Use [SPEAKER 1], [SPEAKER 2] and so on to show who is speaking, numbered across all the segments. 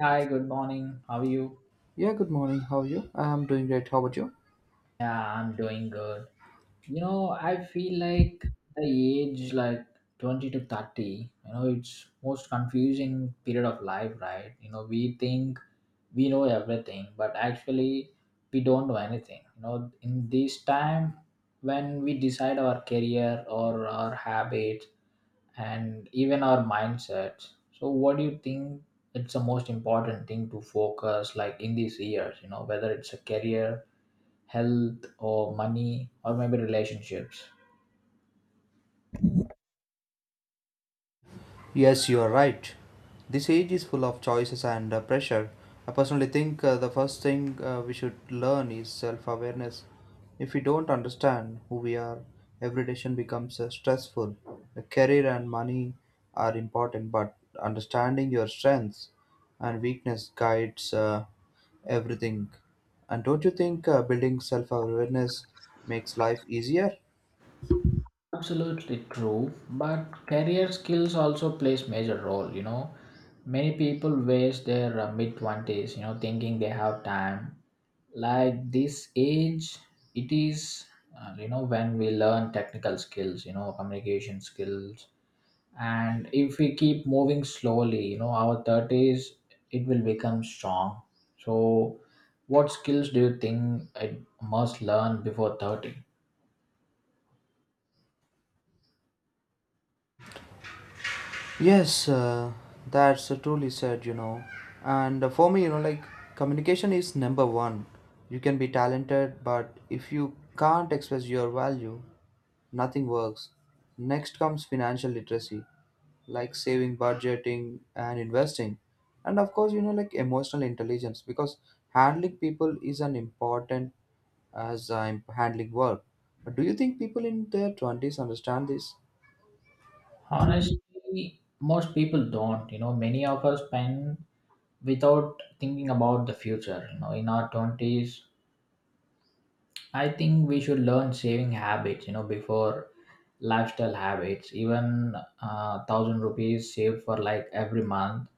[SPEAKER 1] Hi, good morning. How are you?
[SPEAKER 2] Yeah, good morning. How are you? I'm doing great. How about you?
[SPEAKER 1] Yeah, I'm doing good. I feel like the age, like 20 to 30, it's most confusing period of life, right? We think we know everything, but actually we don't know anything. In this time when we decide our career or our habits and even our mindsets. So what do you think it's the most important thing to focus like in these years, whether it's a career, health, or money, or maybe relationships?
[SPEAKER 2] Yes, you are right. This age is full of choices and pressure. I personally think the first thing we should learn is self awareness. If we don't understand who we are, every decision becomes stressful. The career and money are important, but understanding your strengths and weakness guides everything. And don't you think building self awareness makes life easier?
[SPEAKER 1] Absolutely true, but career skills also plays major role. Many people waste their mid 20s, thinking they have time. Like, this age, it is when we learn technical skills, communication skills. And if we keep moving slowly, our 30s, it will become strong. So what skills do you think I must learn before 30?
[SPEAKER 2] Yes, that's truly said. And for me, like communication is number one. You can be talented, but if you can't express your value, nothing works. Next comes financial literacy, like saving, budgeting, and investing. And of course, like emotional intelligence, because handling people is an important as I'm handling work. But do you think people in their twenties understand this?
[SPEAKER 1] Honestly, most people don't. Many of us spend without thinking about the future. In our 20s, I think we should learn saving habits, before lifestyle habits. Even 1,000 rupees saved for like every month,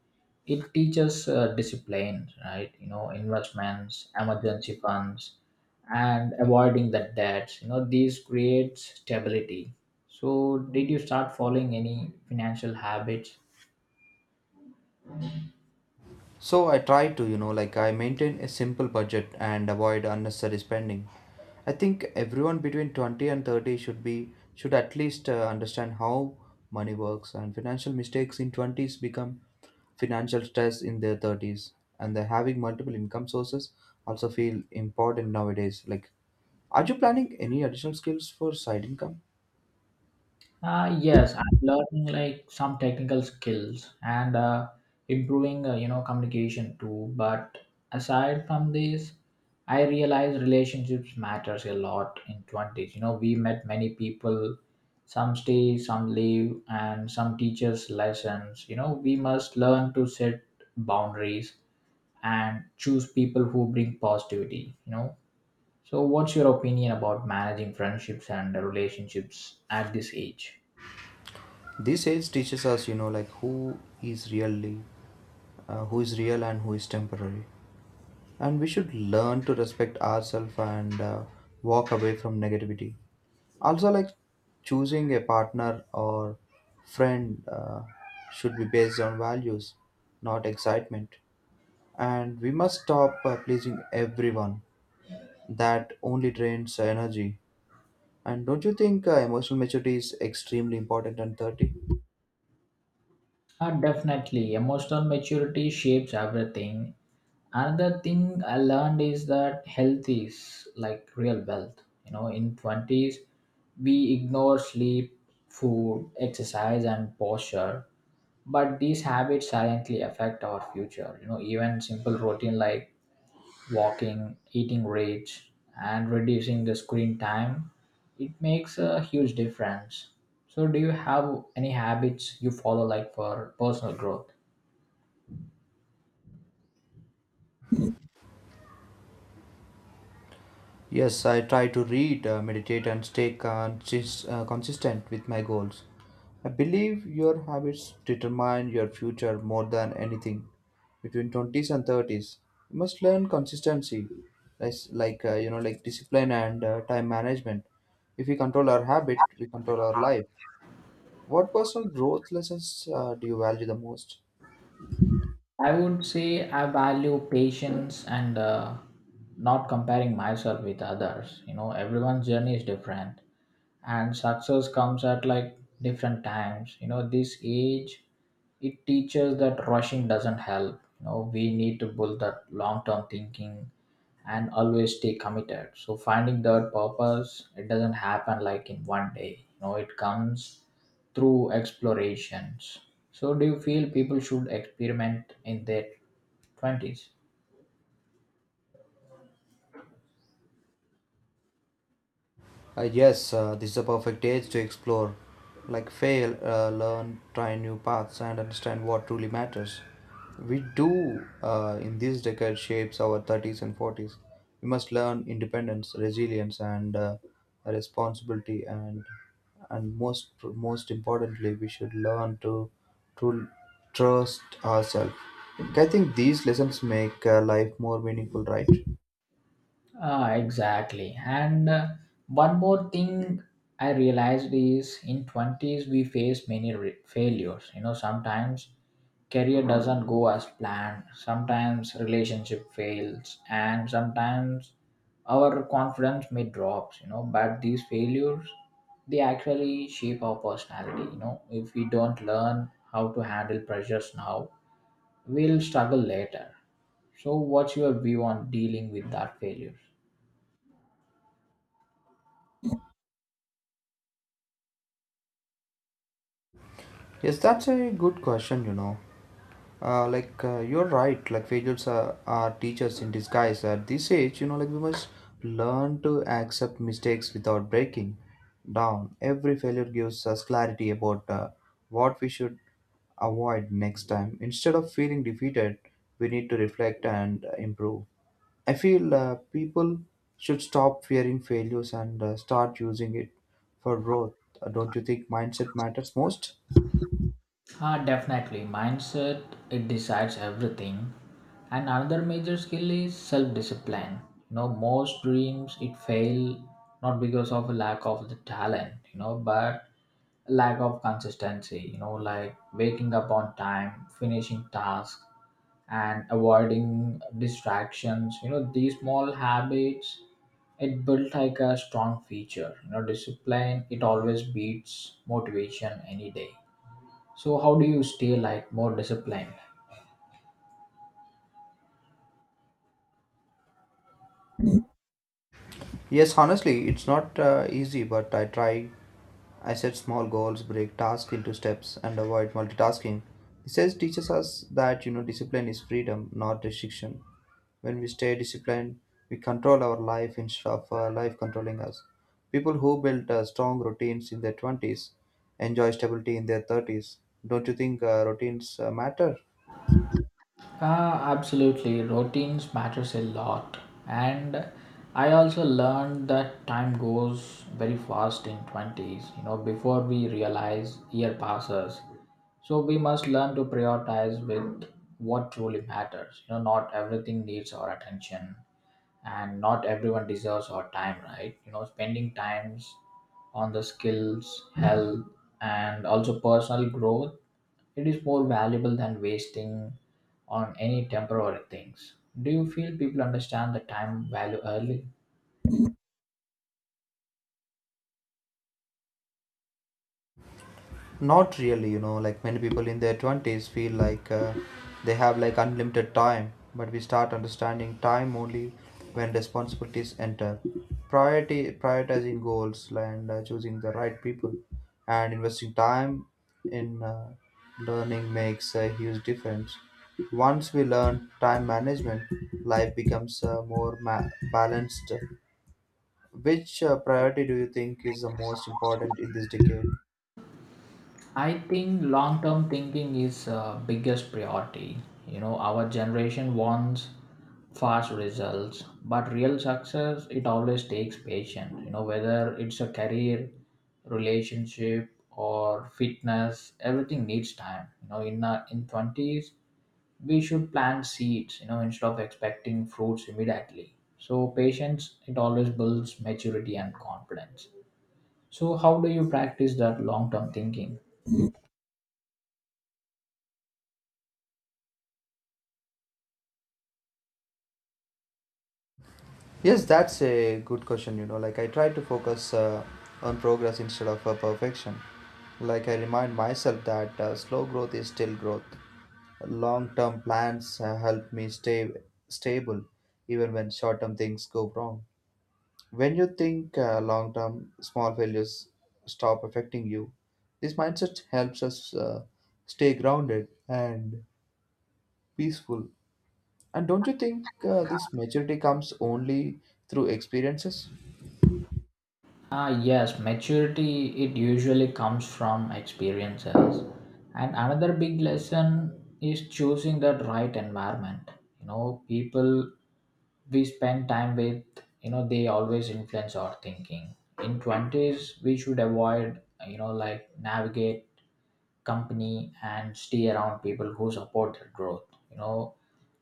[SPEAKER 1] it teaches discipline, right? Investments, emergency funds, and avoiding the debts, these create stability. So did you start following any financial habits?
[SPEAKER 2] So I try to, like I maintain a simple budget and avoid unnecessary spending. I think everyone between 20 and 30 should at least understand how money works, and financial mistakes in twenties become financial stress in their thirties, and the having multiple income sources also feel important nowadays, like, are you planning any additional skills for side income?
[SPEAKER 1] Yes, I'm learning like some technical skills and improving, communication too. But aside from this, I realize relationships matters a lot in 20s. We met many people, some stay, some leave, and some teachers lessons. We must learn to set boundaries and choose people who bring positivity. So what's your opinion about managing friendships and relationships at this age?
[SPEAKER 2] These age teaches us, like, who is real and who is temporary. And we should learn to respect ourselves and walk away from negativity. Also, like, choosing a partner or friend should be based on values, not excitement. And we must stop pleasing everyone; that only drains energy. And don't you think emotional maturity is extremely important at 30?
[SPEAKER 1] Definitely, emotional maturity shapes everything. Another thing I learned is that health is like real wealth. In 20s, we ignore sleep, food, exercise, and posture. But these habits silently affect our future. Even simple routine like walking, eating rich, and reducing the screen time, it makes a huge difference. So, do you have any habits you follow, like, for personal growth?
[SPEAKER 2] Yes, I try to read, meditate, and stay consistent with my goals. I believe your habits determine your future more than anything. Between twenties and thirties, you must learn consistency, like, like discipline and time management. If we control our habit, we control our life. What personal growth lessons do you value the most?
[SPEAKER 1] I would say I value patience and not comparing myself with others. Everyone's journey is different and success comes at, like, different times. This age, it teaches that rushing doesn't help. We need to build that long term thinking and always stay committed. So finding their purpose, it doesn't happen like in one day. It comes through explorations. So do you feel people should experiment in their 20s?
[SPEAKER 2] Yes, this is a perfect age to explore. Like, fail, learn, try new paths, and understand what truly matters. We do, in this decade, shapes our thirties and forties. We must learn independence, resilience, and responsibility, and most importantly, we should learn to trust ourselves. Like, I think these lessons make life more meaningful, right?
[SPEAKER 1] Ah, exactly. And one more thing I realized is, in 20s we face many failures. Sometimes career doesn't go as planned, sometimes relationship fails, and sometimes our confidence may drops, but these failures, they actually shape our personality. If we don't learn how to handle pressures now, we'll struggle later. So what's your view on dealing with that failure?
[SPEAKER 2] Yes, that's a good question. You're right, like failures are teachers in disguise at this age, like we must learn to accept mistakes without breaking down. Every failure gives us clarity about what we should avoid next time. Instead of feeling defeated, we need to reflect and improve. I feel people should stop fearing failures and start using it for growth. Don't you think mindset matters most?
[SPEAKER 1] Ah, definitely. Mindset, it decides everything. And another major skill is self discipline. Most dreams it fail not because of a lack of the talent, but lack of consistency, like waking up on time, finishing tasks, and avoiding distractions. These small habits, it built like a strong feature. Discipline, it always beats motivation any day. So how do you stay, like, more disciplined?
[SPEAKER 2] Yes, honestly, it's not easy, but I try. I set small goals, break tasks into steps, and avoid multitasking. This says teaches us that, discipline is freedom, not restriction. When we stay disciplined, we control our life instead of life controlling us. People who build strong routines in their twenties enjoy stability in their thirties. Don't you think routines matter?
[SPEAKER 1] Absolutely, routines matters a lot, and I also learned that time goes very fast in twenties. Before we realize, year passes. So we must learn to prioritize with what truly matters. Not everything needs our attention and not everyone deserves our time, right? Spending times on the skills, health, and also personal growth, it is more valuable than wasting on any temporary things. Do you feel people understand the time value early?
[SPEAKER 2] Not really, like many people in their twenties feel like they have like unlimited time, but we start understanding time only when responsibilities enter. Prioritizing goals and choosing the right people and investing time in learning makes a huge difference. Once we learn time management, life becomes more balanced. Which priority do you think is the most important in this decade?
[SPEAKER 1] I think long term thinking is biggest priority. Our generation wants fast results, but real success, it always takes patience. Whether it's a career, relationship, or fitness, everything needs time. In twenties, we should plant seeds. Instead of expecting fruits immediately. So patience, it always builds maturity and confidence. So how do you practice that long term thinking?
[SPEAKER 2] Yes, that's a good question. Like I try to focus on progress instead of perfection. Like I remind myself that slow growth is still growth. Long-term plans help me stay stable even when short-term things go wrong. When you think long-term, small failures stop affecting you. This mindset helps us stay grounded and peaceful. And don't you think this maturity comes only through experiences?
[SPEAKER 1] Ah, yes, maturity, it usually comes from experiences. And another big lesson is choosing the right environment. People we spend time with, they always influence our thinking. In 20s, we should avoid, like, navigate company and stay around people who support their growth. you know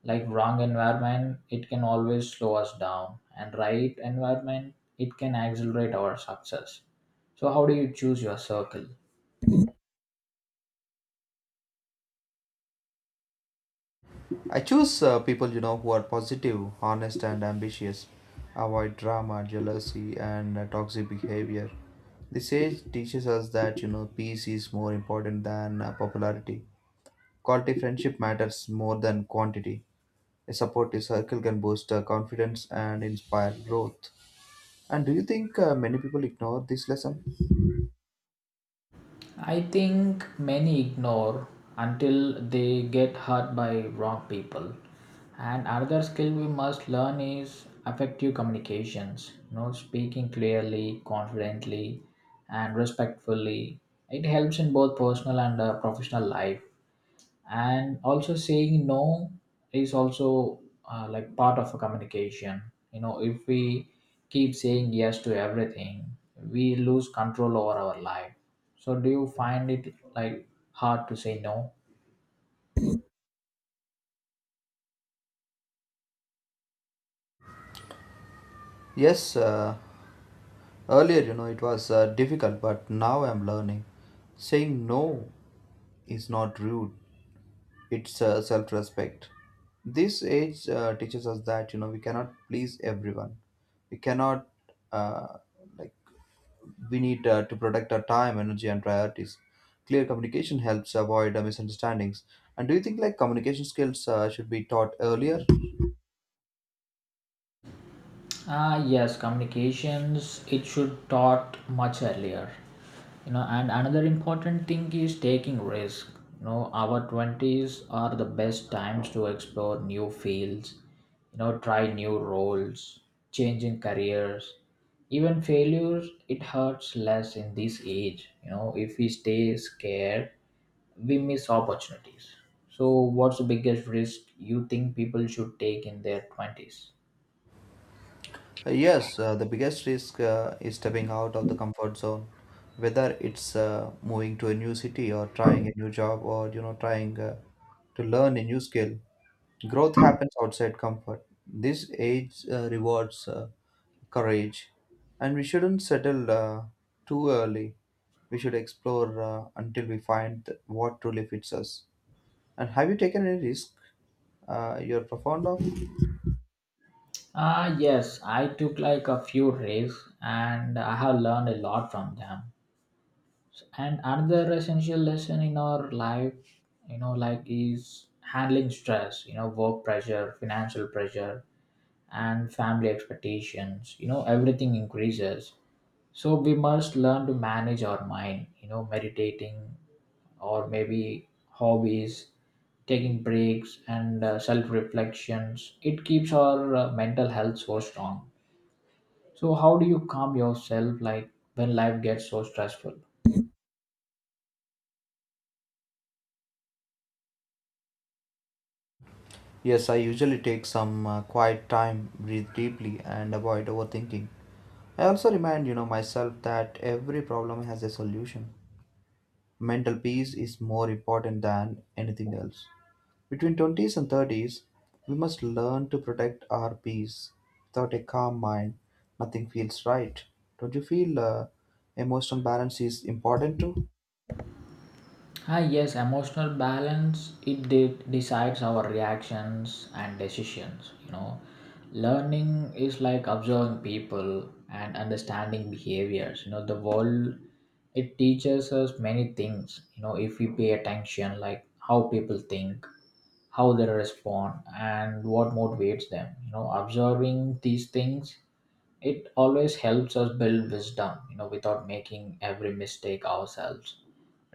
[SPEAKER 1] like, wrong environment, it can always slow us down, and right environment, it can accelerate our success. So how do you choose your circle?
[SPEAKER 2] I choose people, who are positive, honest, and ambitious. Avoid drama, jealousy, and toxic behavior. The sage teaches us that, peace is more important than popularity. Quality friendship matters more than quantity. A supportive circle can boost confidence and inspire growth. And do you think many people ignore this lesson?
[SPEAKER 1] I think many ignore until they get hurt by wrong people. And another skill we must learn is effective communications. Speaking clearly, confidently, and respectfully. It helps in both personal and professional life. And also saying no is also like part of a communication. If we keep saying yes to everything, we lose control over our life. So do you find it, like, hard to say no?
[SPEAKER 2] Yes, earlier, it was difficult, but now I'm learning. Saying no is not rude. It's self-respect. This age teaches us that, we cannot please everyone. We cannot, uh, like, we need to protect our time, energy, and priorities. Clear communication helps avoid misunderstandings. And do you think, like, communication skills should be taught earlier?
[SPEAKER 1] Ah, yes, communications, it should taught much earlier. And another important thing is taking risk. Our 20s are the best times to explore new fields, try new roles, changing careers. Even failures, it hurts less in this age. If we stay scared, we miss opportunities. So, what's the biggest risk you think people should take in their 20s?
[SPEAKER 2] Yes, the biggest risk is stepping out of the comfort zone, whether it's moving to a new city or trying a new job or, trying to learn a new skill. Growth happens outside comfort. This age rewards courage, and we shouldn't settle too early. We should explore until we find what truly fits us. And have you taken any risk you're profound of?
[SPEAKER 1] Ah, yes, I took like a few raves and I have learned a lot from them. And another essential lesson in our life, like, is handling stress, work pressure, financial pressure, and family expectations, everything increases. So we must learn to manage our mind, meditating or maybe hobbies, taking breaks, and self reflections. It keeps our mental health so strong. So how do you calm yourself, like, when life gets so stressful?
[SPEAKER 2] Yes, I usually take some quiet time, breathe deeply, and avoid overthinking. I also remind, myself that every problem has a solution. Mental peace is more important than anything else. Between twenties and thirties, we must learn to protect our peace. Without a calm mind, nothing feels right. Don't you feel emotional balance is important too?
[SPEAKER 1] Ah yes, emotional balance, it decides our reactions and decisions, you know. Learning is like observing people and understanding behaviors. The world, it teaches us many things, if we pay attention, like how people think, how they respond, and what motivates them. Observing these things, it always helps us build wisdom without making every mistake ourselves.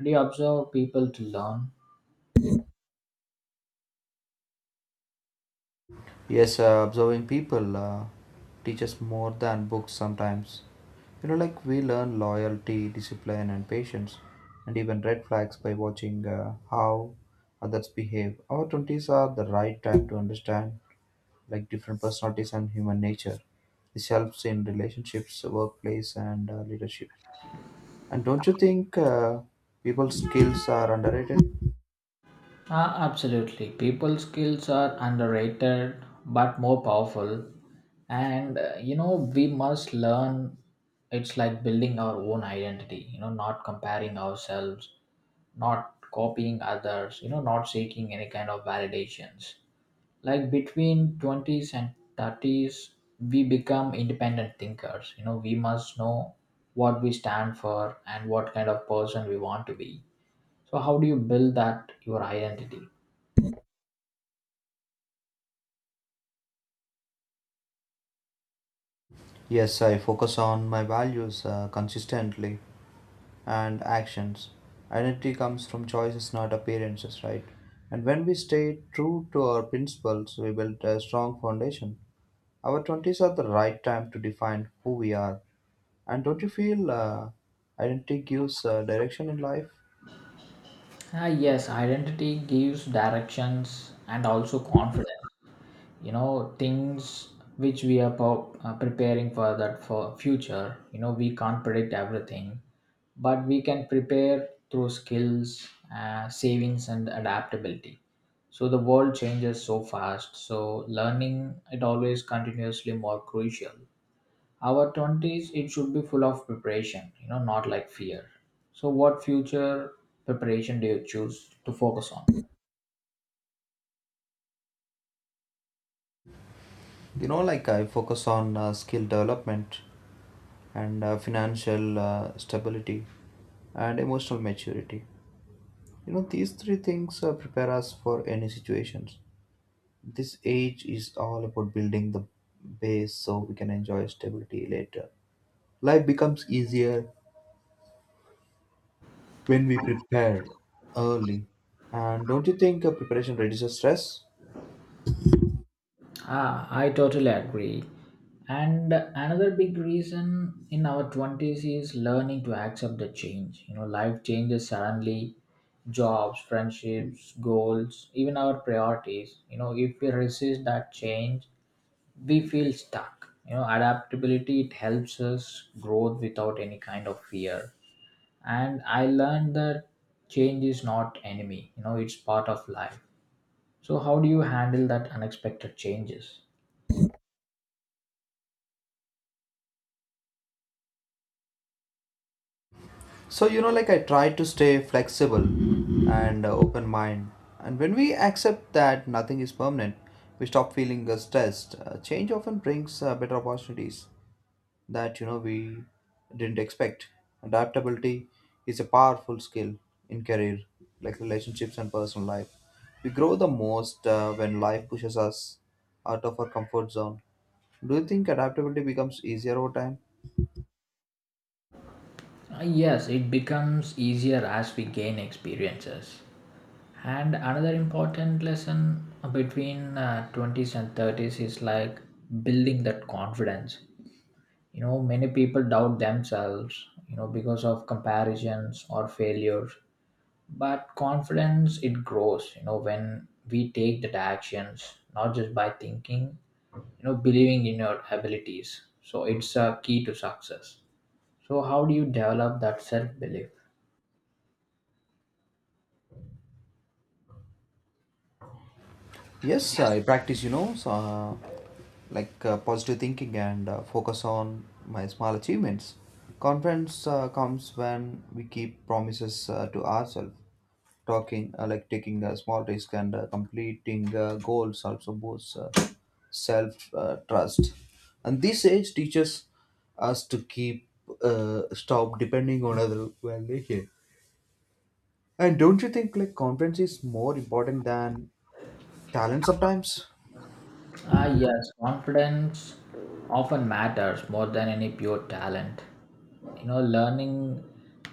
[SPEAKER 1] Do you observe people to learn?
[SPEAKER 2] Yes, observing people teaches more than books sometimes. Like we learn loyalty, discipline, and patience, and even red flags by watching how others behave. Our twenties are the right time to understand like different personalities and human nature. This helps in relationships, workplace, and leadership. And don't you think people's skills are underrated?
[SPEAKER 1] Ah, absolutely, people skills are underrated but more powerful. And we must learn, it's like building our own identity. Not comparing ourselves, not copying others, not seeking any kind of validations. Like, between 20s and 30s, we become independent thinkers. We must know what we stand for and what kind of person we want to be. So how do you build that your identity?
[SPEAKER 2] Yes, I focus on my values consistently and actions. Identity comes from choices, not appearances, right? And when we stay true to our principles, we build a strong foundation. Our twenties are the right time to define who we are. And don't you feel identity gives direction in life?
[SPEAKER 1] Ah, yes, identity gives directions and also confidence. Things which we are preparing for, that for future, we can't predict everything, but we can prepare through skills, savings, and adaptability. So the world changes so fast, so learning it always continuously more crucial. Our 20s, it should be full of preparation, not like fear. So what future preparation do you choose to focus on?
[SPEAKER 2] Like I focus on skill development and financial stability and emotional maturity. These three things prepare us for any situations. This age is all about building the base so we can enjoy stability later. Life becomes easier when we prepare early. And don't you think preparation reduces stress?
[SPEAKER 1] Ah, I totally agree. And another big reason in our 20s is learning to accept the change. Life changes suddenly, jobs, friendships, goals, even our priorities. If we resist that change, we feel stuck. Adaptability, it helps us growth without any kind of fear. And I learned that change is not enemy. It's part of life. So how do you handle that unexpected changes?
[SPEAKER 2] So, like I try to stay flexible and open mind. And when we accept that nothing is permanent, we stop feeling stressed. Change often brings better opportunities that, we didn't expect. Adaptability is a powerful skill in career, like relationships and personal life. We grow the most when life pushes us out of our comfort zone. Do you think adaptability becomes easier over time?
[SPEAKER 1] Yes, it becomes easier as we gain experiences. And another important lesson between 20s and 30s is, like, building that confidence. Many people doubt themselves, because of comparisons or failures. But confidence, it grows, when we take that actions, not just by thinking, believing in your abilities. So it's a key to success. So, how do you develop that self belief?
[SPEAKER 2] Yes, I practice, so, like positive thinking and focus on my small achievements. Confidence comes when we keep promises to ourselves. Like taking a small risk and completing goals also boosts self trust. And this age teaches us to keep stop depending on other validation. And don't you think like confidence is more important than talent sometimes?
[SPEAKER 1] Ah, yes, confidence often matters more than any pure talent. Learning,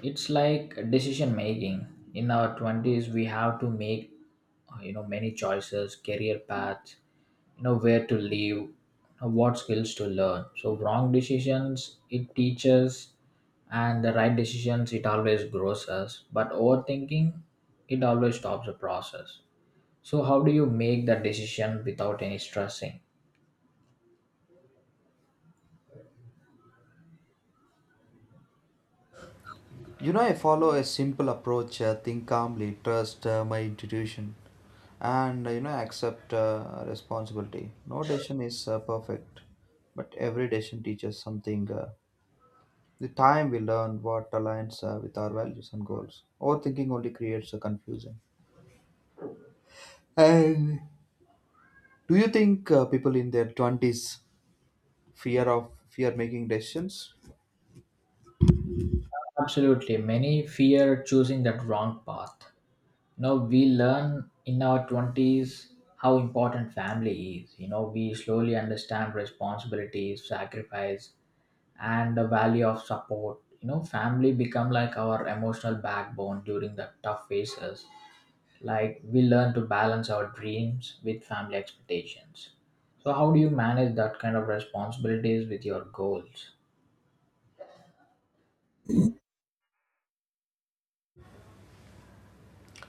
[SPEAKER 1] it's like decision making. In our 20s, we have to make, many choices, career paths, where to live, what skills to learn. So, wrong decisions, it teaches, and the right decisions, it always grows us. But overthinking, it always stops the process. So, how do you make that decision without any stressing?
[SPEAKER 2] I follow a simple approach think calmly, trust my intuition, and, accept responsibility. No decision is perfect, but every decision teaches something. The time we learn what aligns with our values and goals. Overthinking only creates a confusion. And do you think people in their twenties fear making decisions?
[SPEAKER 1] Absolutely. Many fear choosing that wrong path. We learn in our 20s how important family is. We slowly understand responsibilities, sacrifice, and the value of support. Family become like our emotional backbone during the tough phases. Like we learn to balance our dreams with family expectations. So how do you manage that kind of responsibilities with your goals?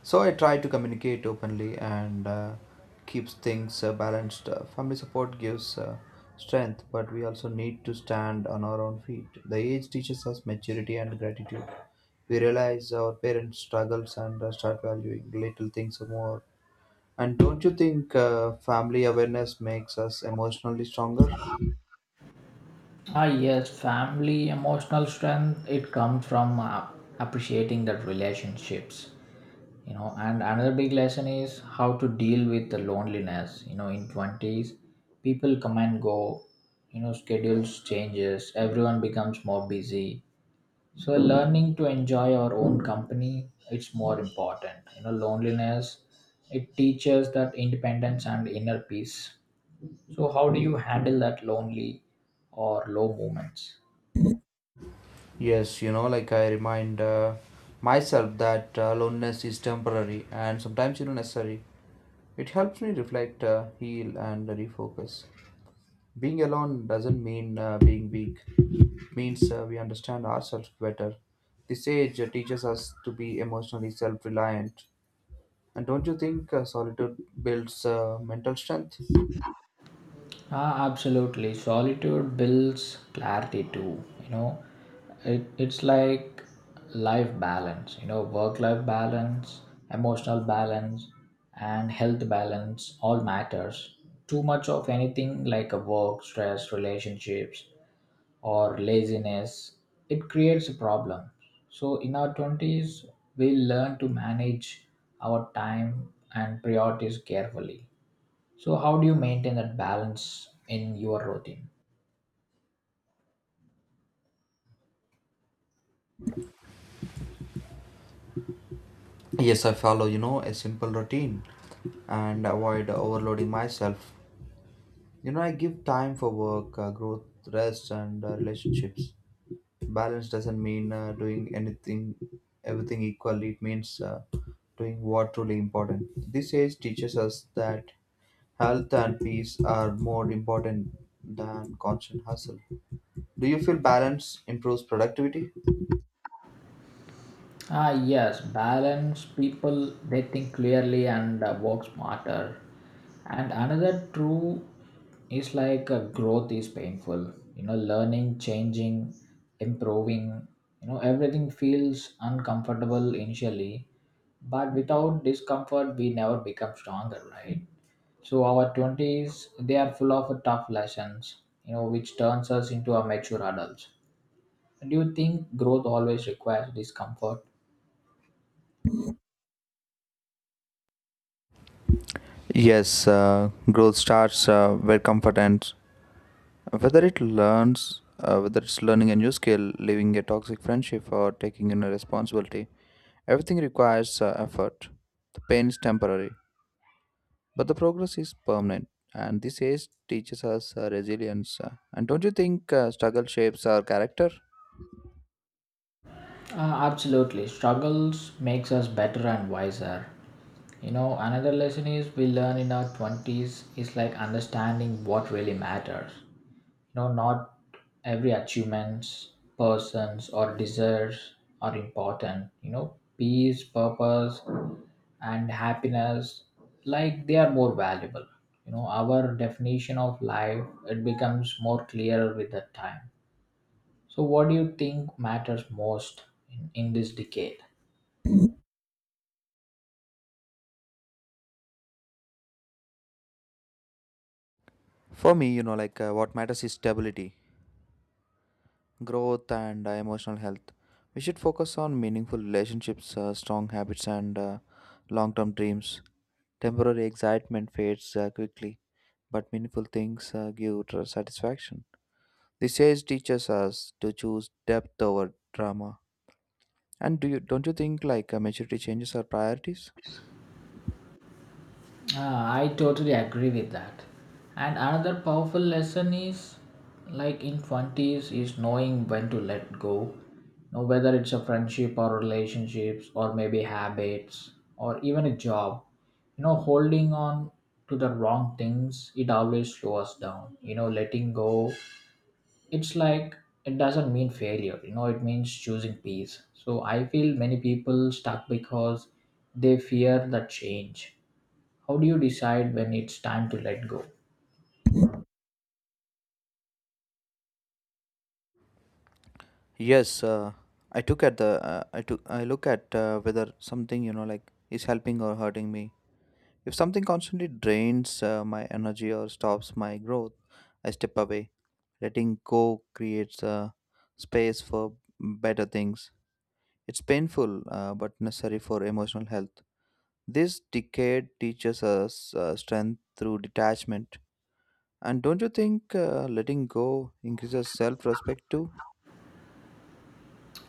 [SPEAKER 2] So I try to communicate openly and keeps things balanced. Family support gives strength, but we also need to stand on our own feet. The age teaches us maturity and gratitude. We realize our parents' struggles and start valuing little things more. And don't you think family awareness makes us emotionally stronger?
[SPEAKER 1] Ah, yes, family emotional strength it comes from appreciating that relationships, you know. And another big lesson is how to deal with the loneliness. You know, in twenties, people come and go. You know, schedules changes. Everyone becomes more busy. So learning to enjoy our own company it's more important. You know, loneliness it teaches that independence and inner peace. So how do you handle that lonely or low moments?
[SPEAKER 2] Yes, like I remind myself that loneliness is temporary and sometimes, necessary. It helps me reflect, heal, and refocus. Being alone doesn't mean being weak; it means we understand ourselves better. This age teaches us to be emotionally self reliant. And don't you think solitude builds mental strength?
[SPEAKER 1] Ah, absolutely. Solitude builds clarity too. You know, it's like life balance, you know, work life balance, emotional balance, and health balance all matters. Too much of anything like a work, stress, relationships, or laziness, it creates a problem. So in our 20s, we learn to manage our time and priorities carefully. So, how do you maintain that balance in your routine?
[SPEAKER 2] Yes, I follow, a simple routine and avoid overloading myself. I give time for work, growth, rest, and relationships. Balance doesn't mean doing anything everything equally. It means doing what truly important. This age teaches us that health and peace are more important than constant hustle. Do you feel balance improves productivity?
[SPEAKER 1] Ah, yes, balance people they think clearly and work smarter. And another true is like growth is painful. You know, learning, changing, improving. You know, everything feels uncomfortable initially, but without discomfort, we never become stronger, right? So our twenties they are full of tough lessons. You know, which turns us into a mature adults. Do you think growth always requires discomfort?
[SPEAKER 2] Yes, growth starts where comfort ends, whether it's learning a new skill, leaving a toxic friendship, or taking on a responsibility. Everything requires effort. The pain is temporary, but the progress is permanent, and this age teaches us resilience. And don't you think struggle shapes our character?
[SPEAKER 1] Absolutely, struggles makes us better and wiser. You know, another lesson is we learn in our 20s is like understanding what really matters. You know, not every achievements, persons or desires are important. You know, peace, purpose, and happiness like they are more valuable. You know, our definition of life it becomes more clear with the time. So, what do you think matters most in this decade?
[SPEAKER 2] For me, like what matters is stability, growth, and emotional health. We should focus on meaningful relationships, strong habits, and long term dreams. Temporary excitement fades quickly, but meaningful things give satisfaction. This age teaches us to choose depth over drama. And do you don't you think like maturity changes our priorities?
[SPEAKER 1] Ah, I totally agree with that. And another powerful lesson is like in 20s is knowing when to let go. Now, whether it's a friendship or relationships or maybe habits or even a job, you know, holding on to the wrong things, it always slows us down. You know, letting go it's like it doesn't mean failure. You know, it means choosing peace. So I feel many people stuck because they fear the change. How do you decide when it's time to let go?
[SPEAKER 2] Yes, I took at the I took I look at whether something, like is helping or hurting me. If something constantly drains my energy or stops my growth, I step away. Letting go creates space for better things. It's painful, but necessary for emotional health. This decade teaches us strength through detachment. And don't you think letting go increases self respect too?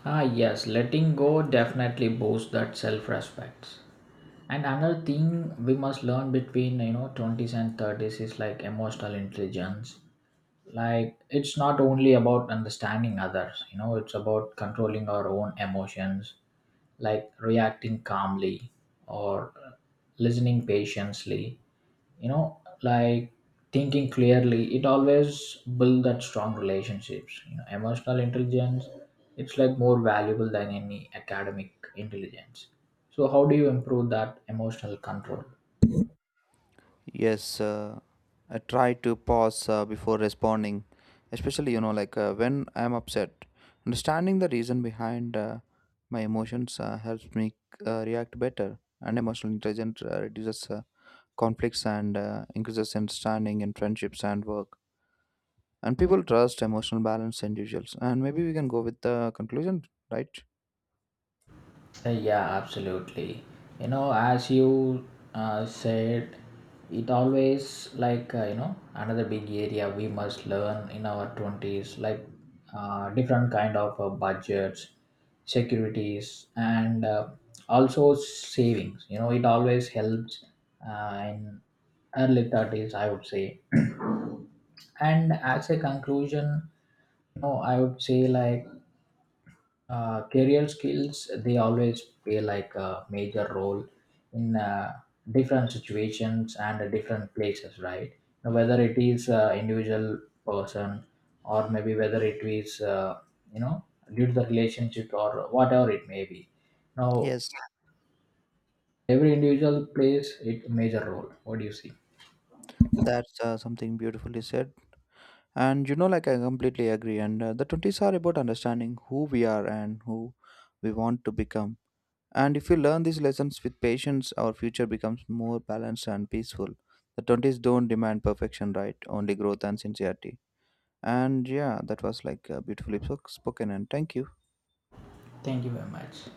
[SPEAKER 1] Ah, yes, letting go definitely boosts that self-respect. And another thing we must learn between you know 20s and 30s is like emotional intelligence. Like it's not only about understanding others. You know, it's about controlling our own emotions, like reacting calmly or listening patiently. You know, like thinking clearly it always build that strong relationships. You know, emotional intelligence it's like more valuable than any academic intelligence. So how do you improve that emotional control?
[SPEAKER 2] Yes, I try to pause before responding, especially when I'm upset. Understanding the reason behind my emotions helps me react better, and emotional intelligence reduces conflicts and increases understanding in friendships and work. And people trust emotional balance individuals. And maybe we can go with the conclusion, right?
[SPEAKER 1] Yeah, absolutely. You know, as you said, it always like you know another big area we must learn in our twenties, like different kind of budgets, securities, and also savings. You know, it always helps in early 30s, I would say. And as a conclusion, you know, I would say like career skills they always play like a major role in different situations and different places, right? Now, whether it is individual person or maybe whether it is you know due to the relationship or whatever it may be now,
[SPEAKER 2] Yes,
[SPEAKER 1] every individual plays it major role. What do you see?
[SPEAKER 2] that's something beautifully said. And, like I completely agree. And the twenties are about understanding who we are and who we want to become. And if we learn these lessons with patience, our future becomes more balanced and peaceful. The twenties don't demand perfection, right? Only growth and sincerity. And yeah, that was like beautifully spoken. And thank you.
[SPEAKER 1] Thank you very much.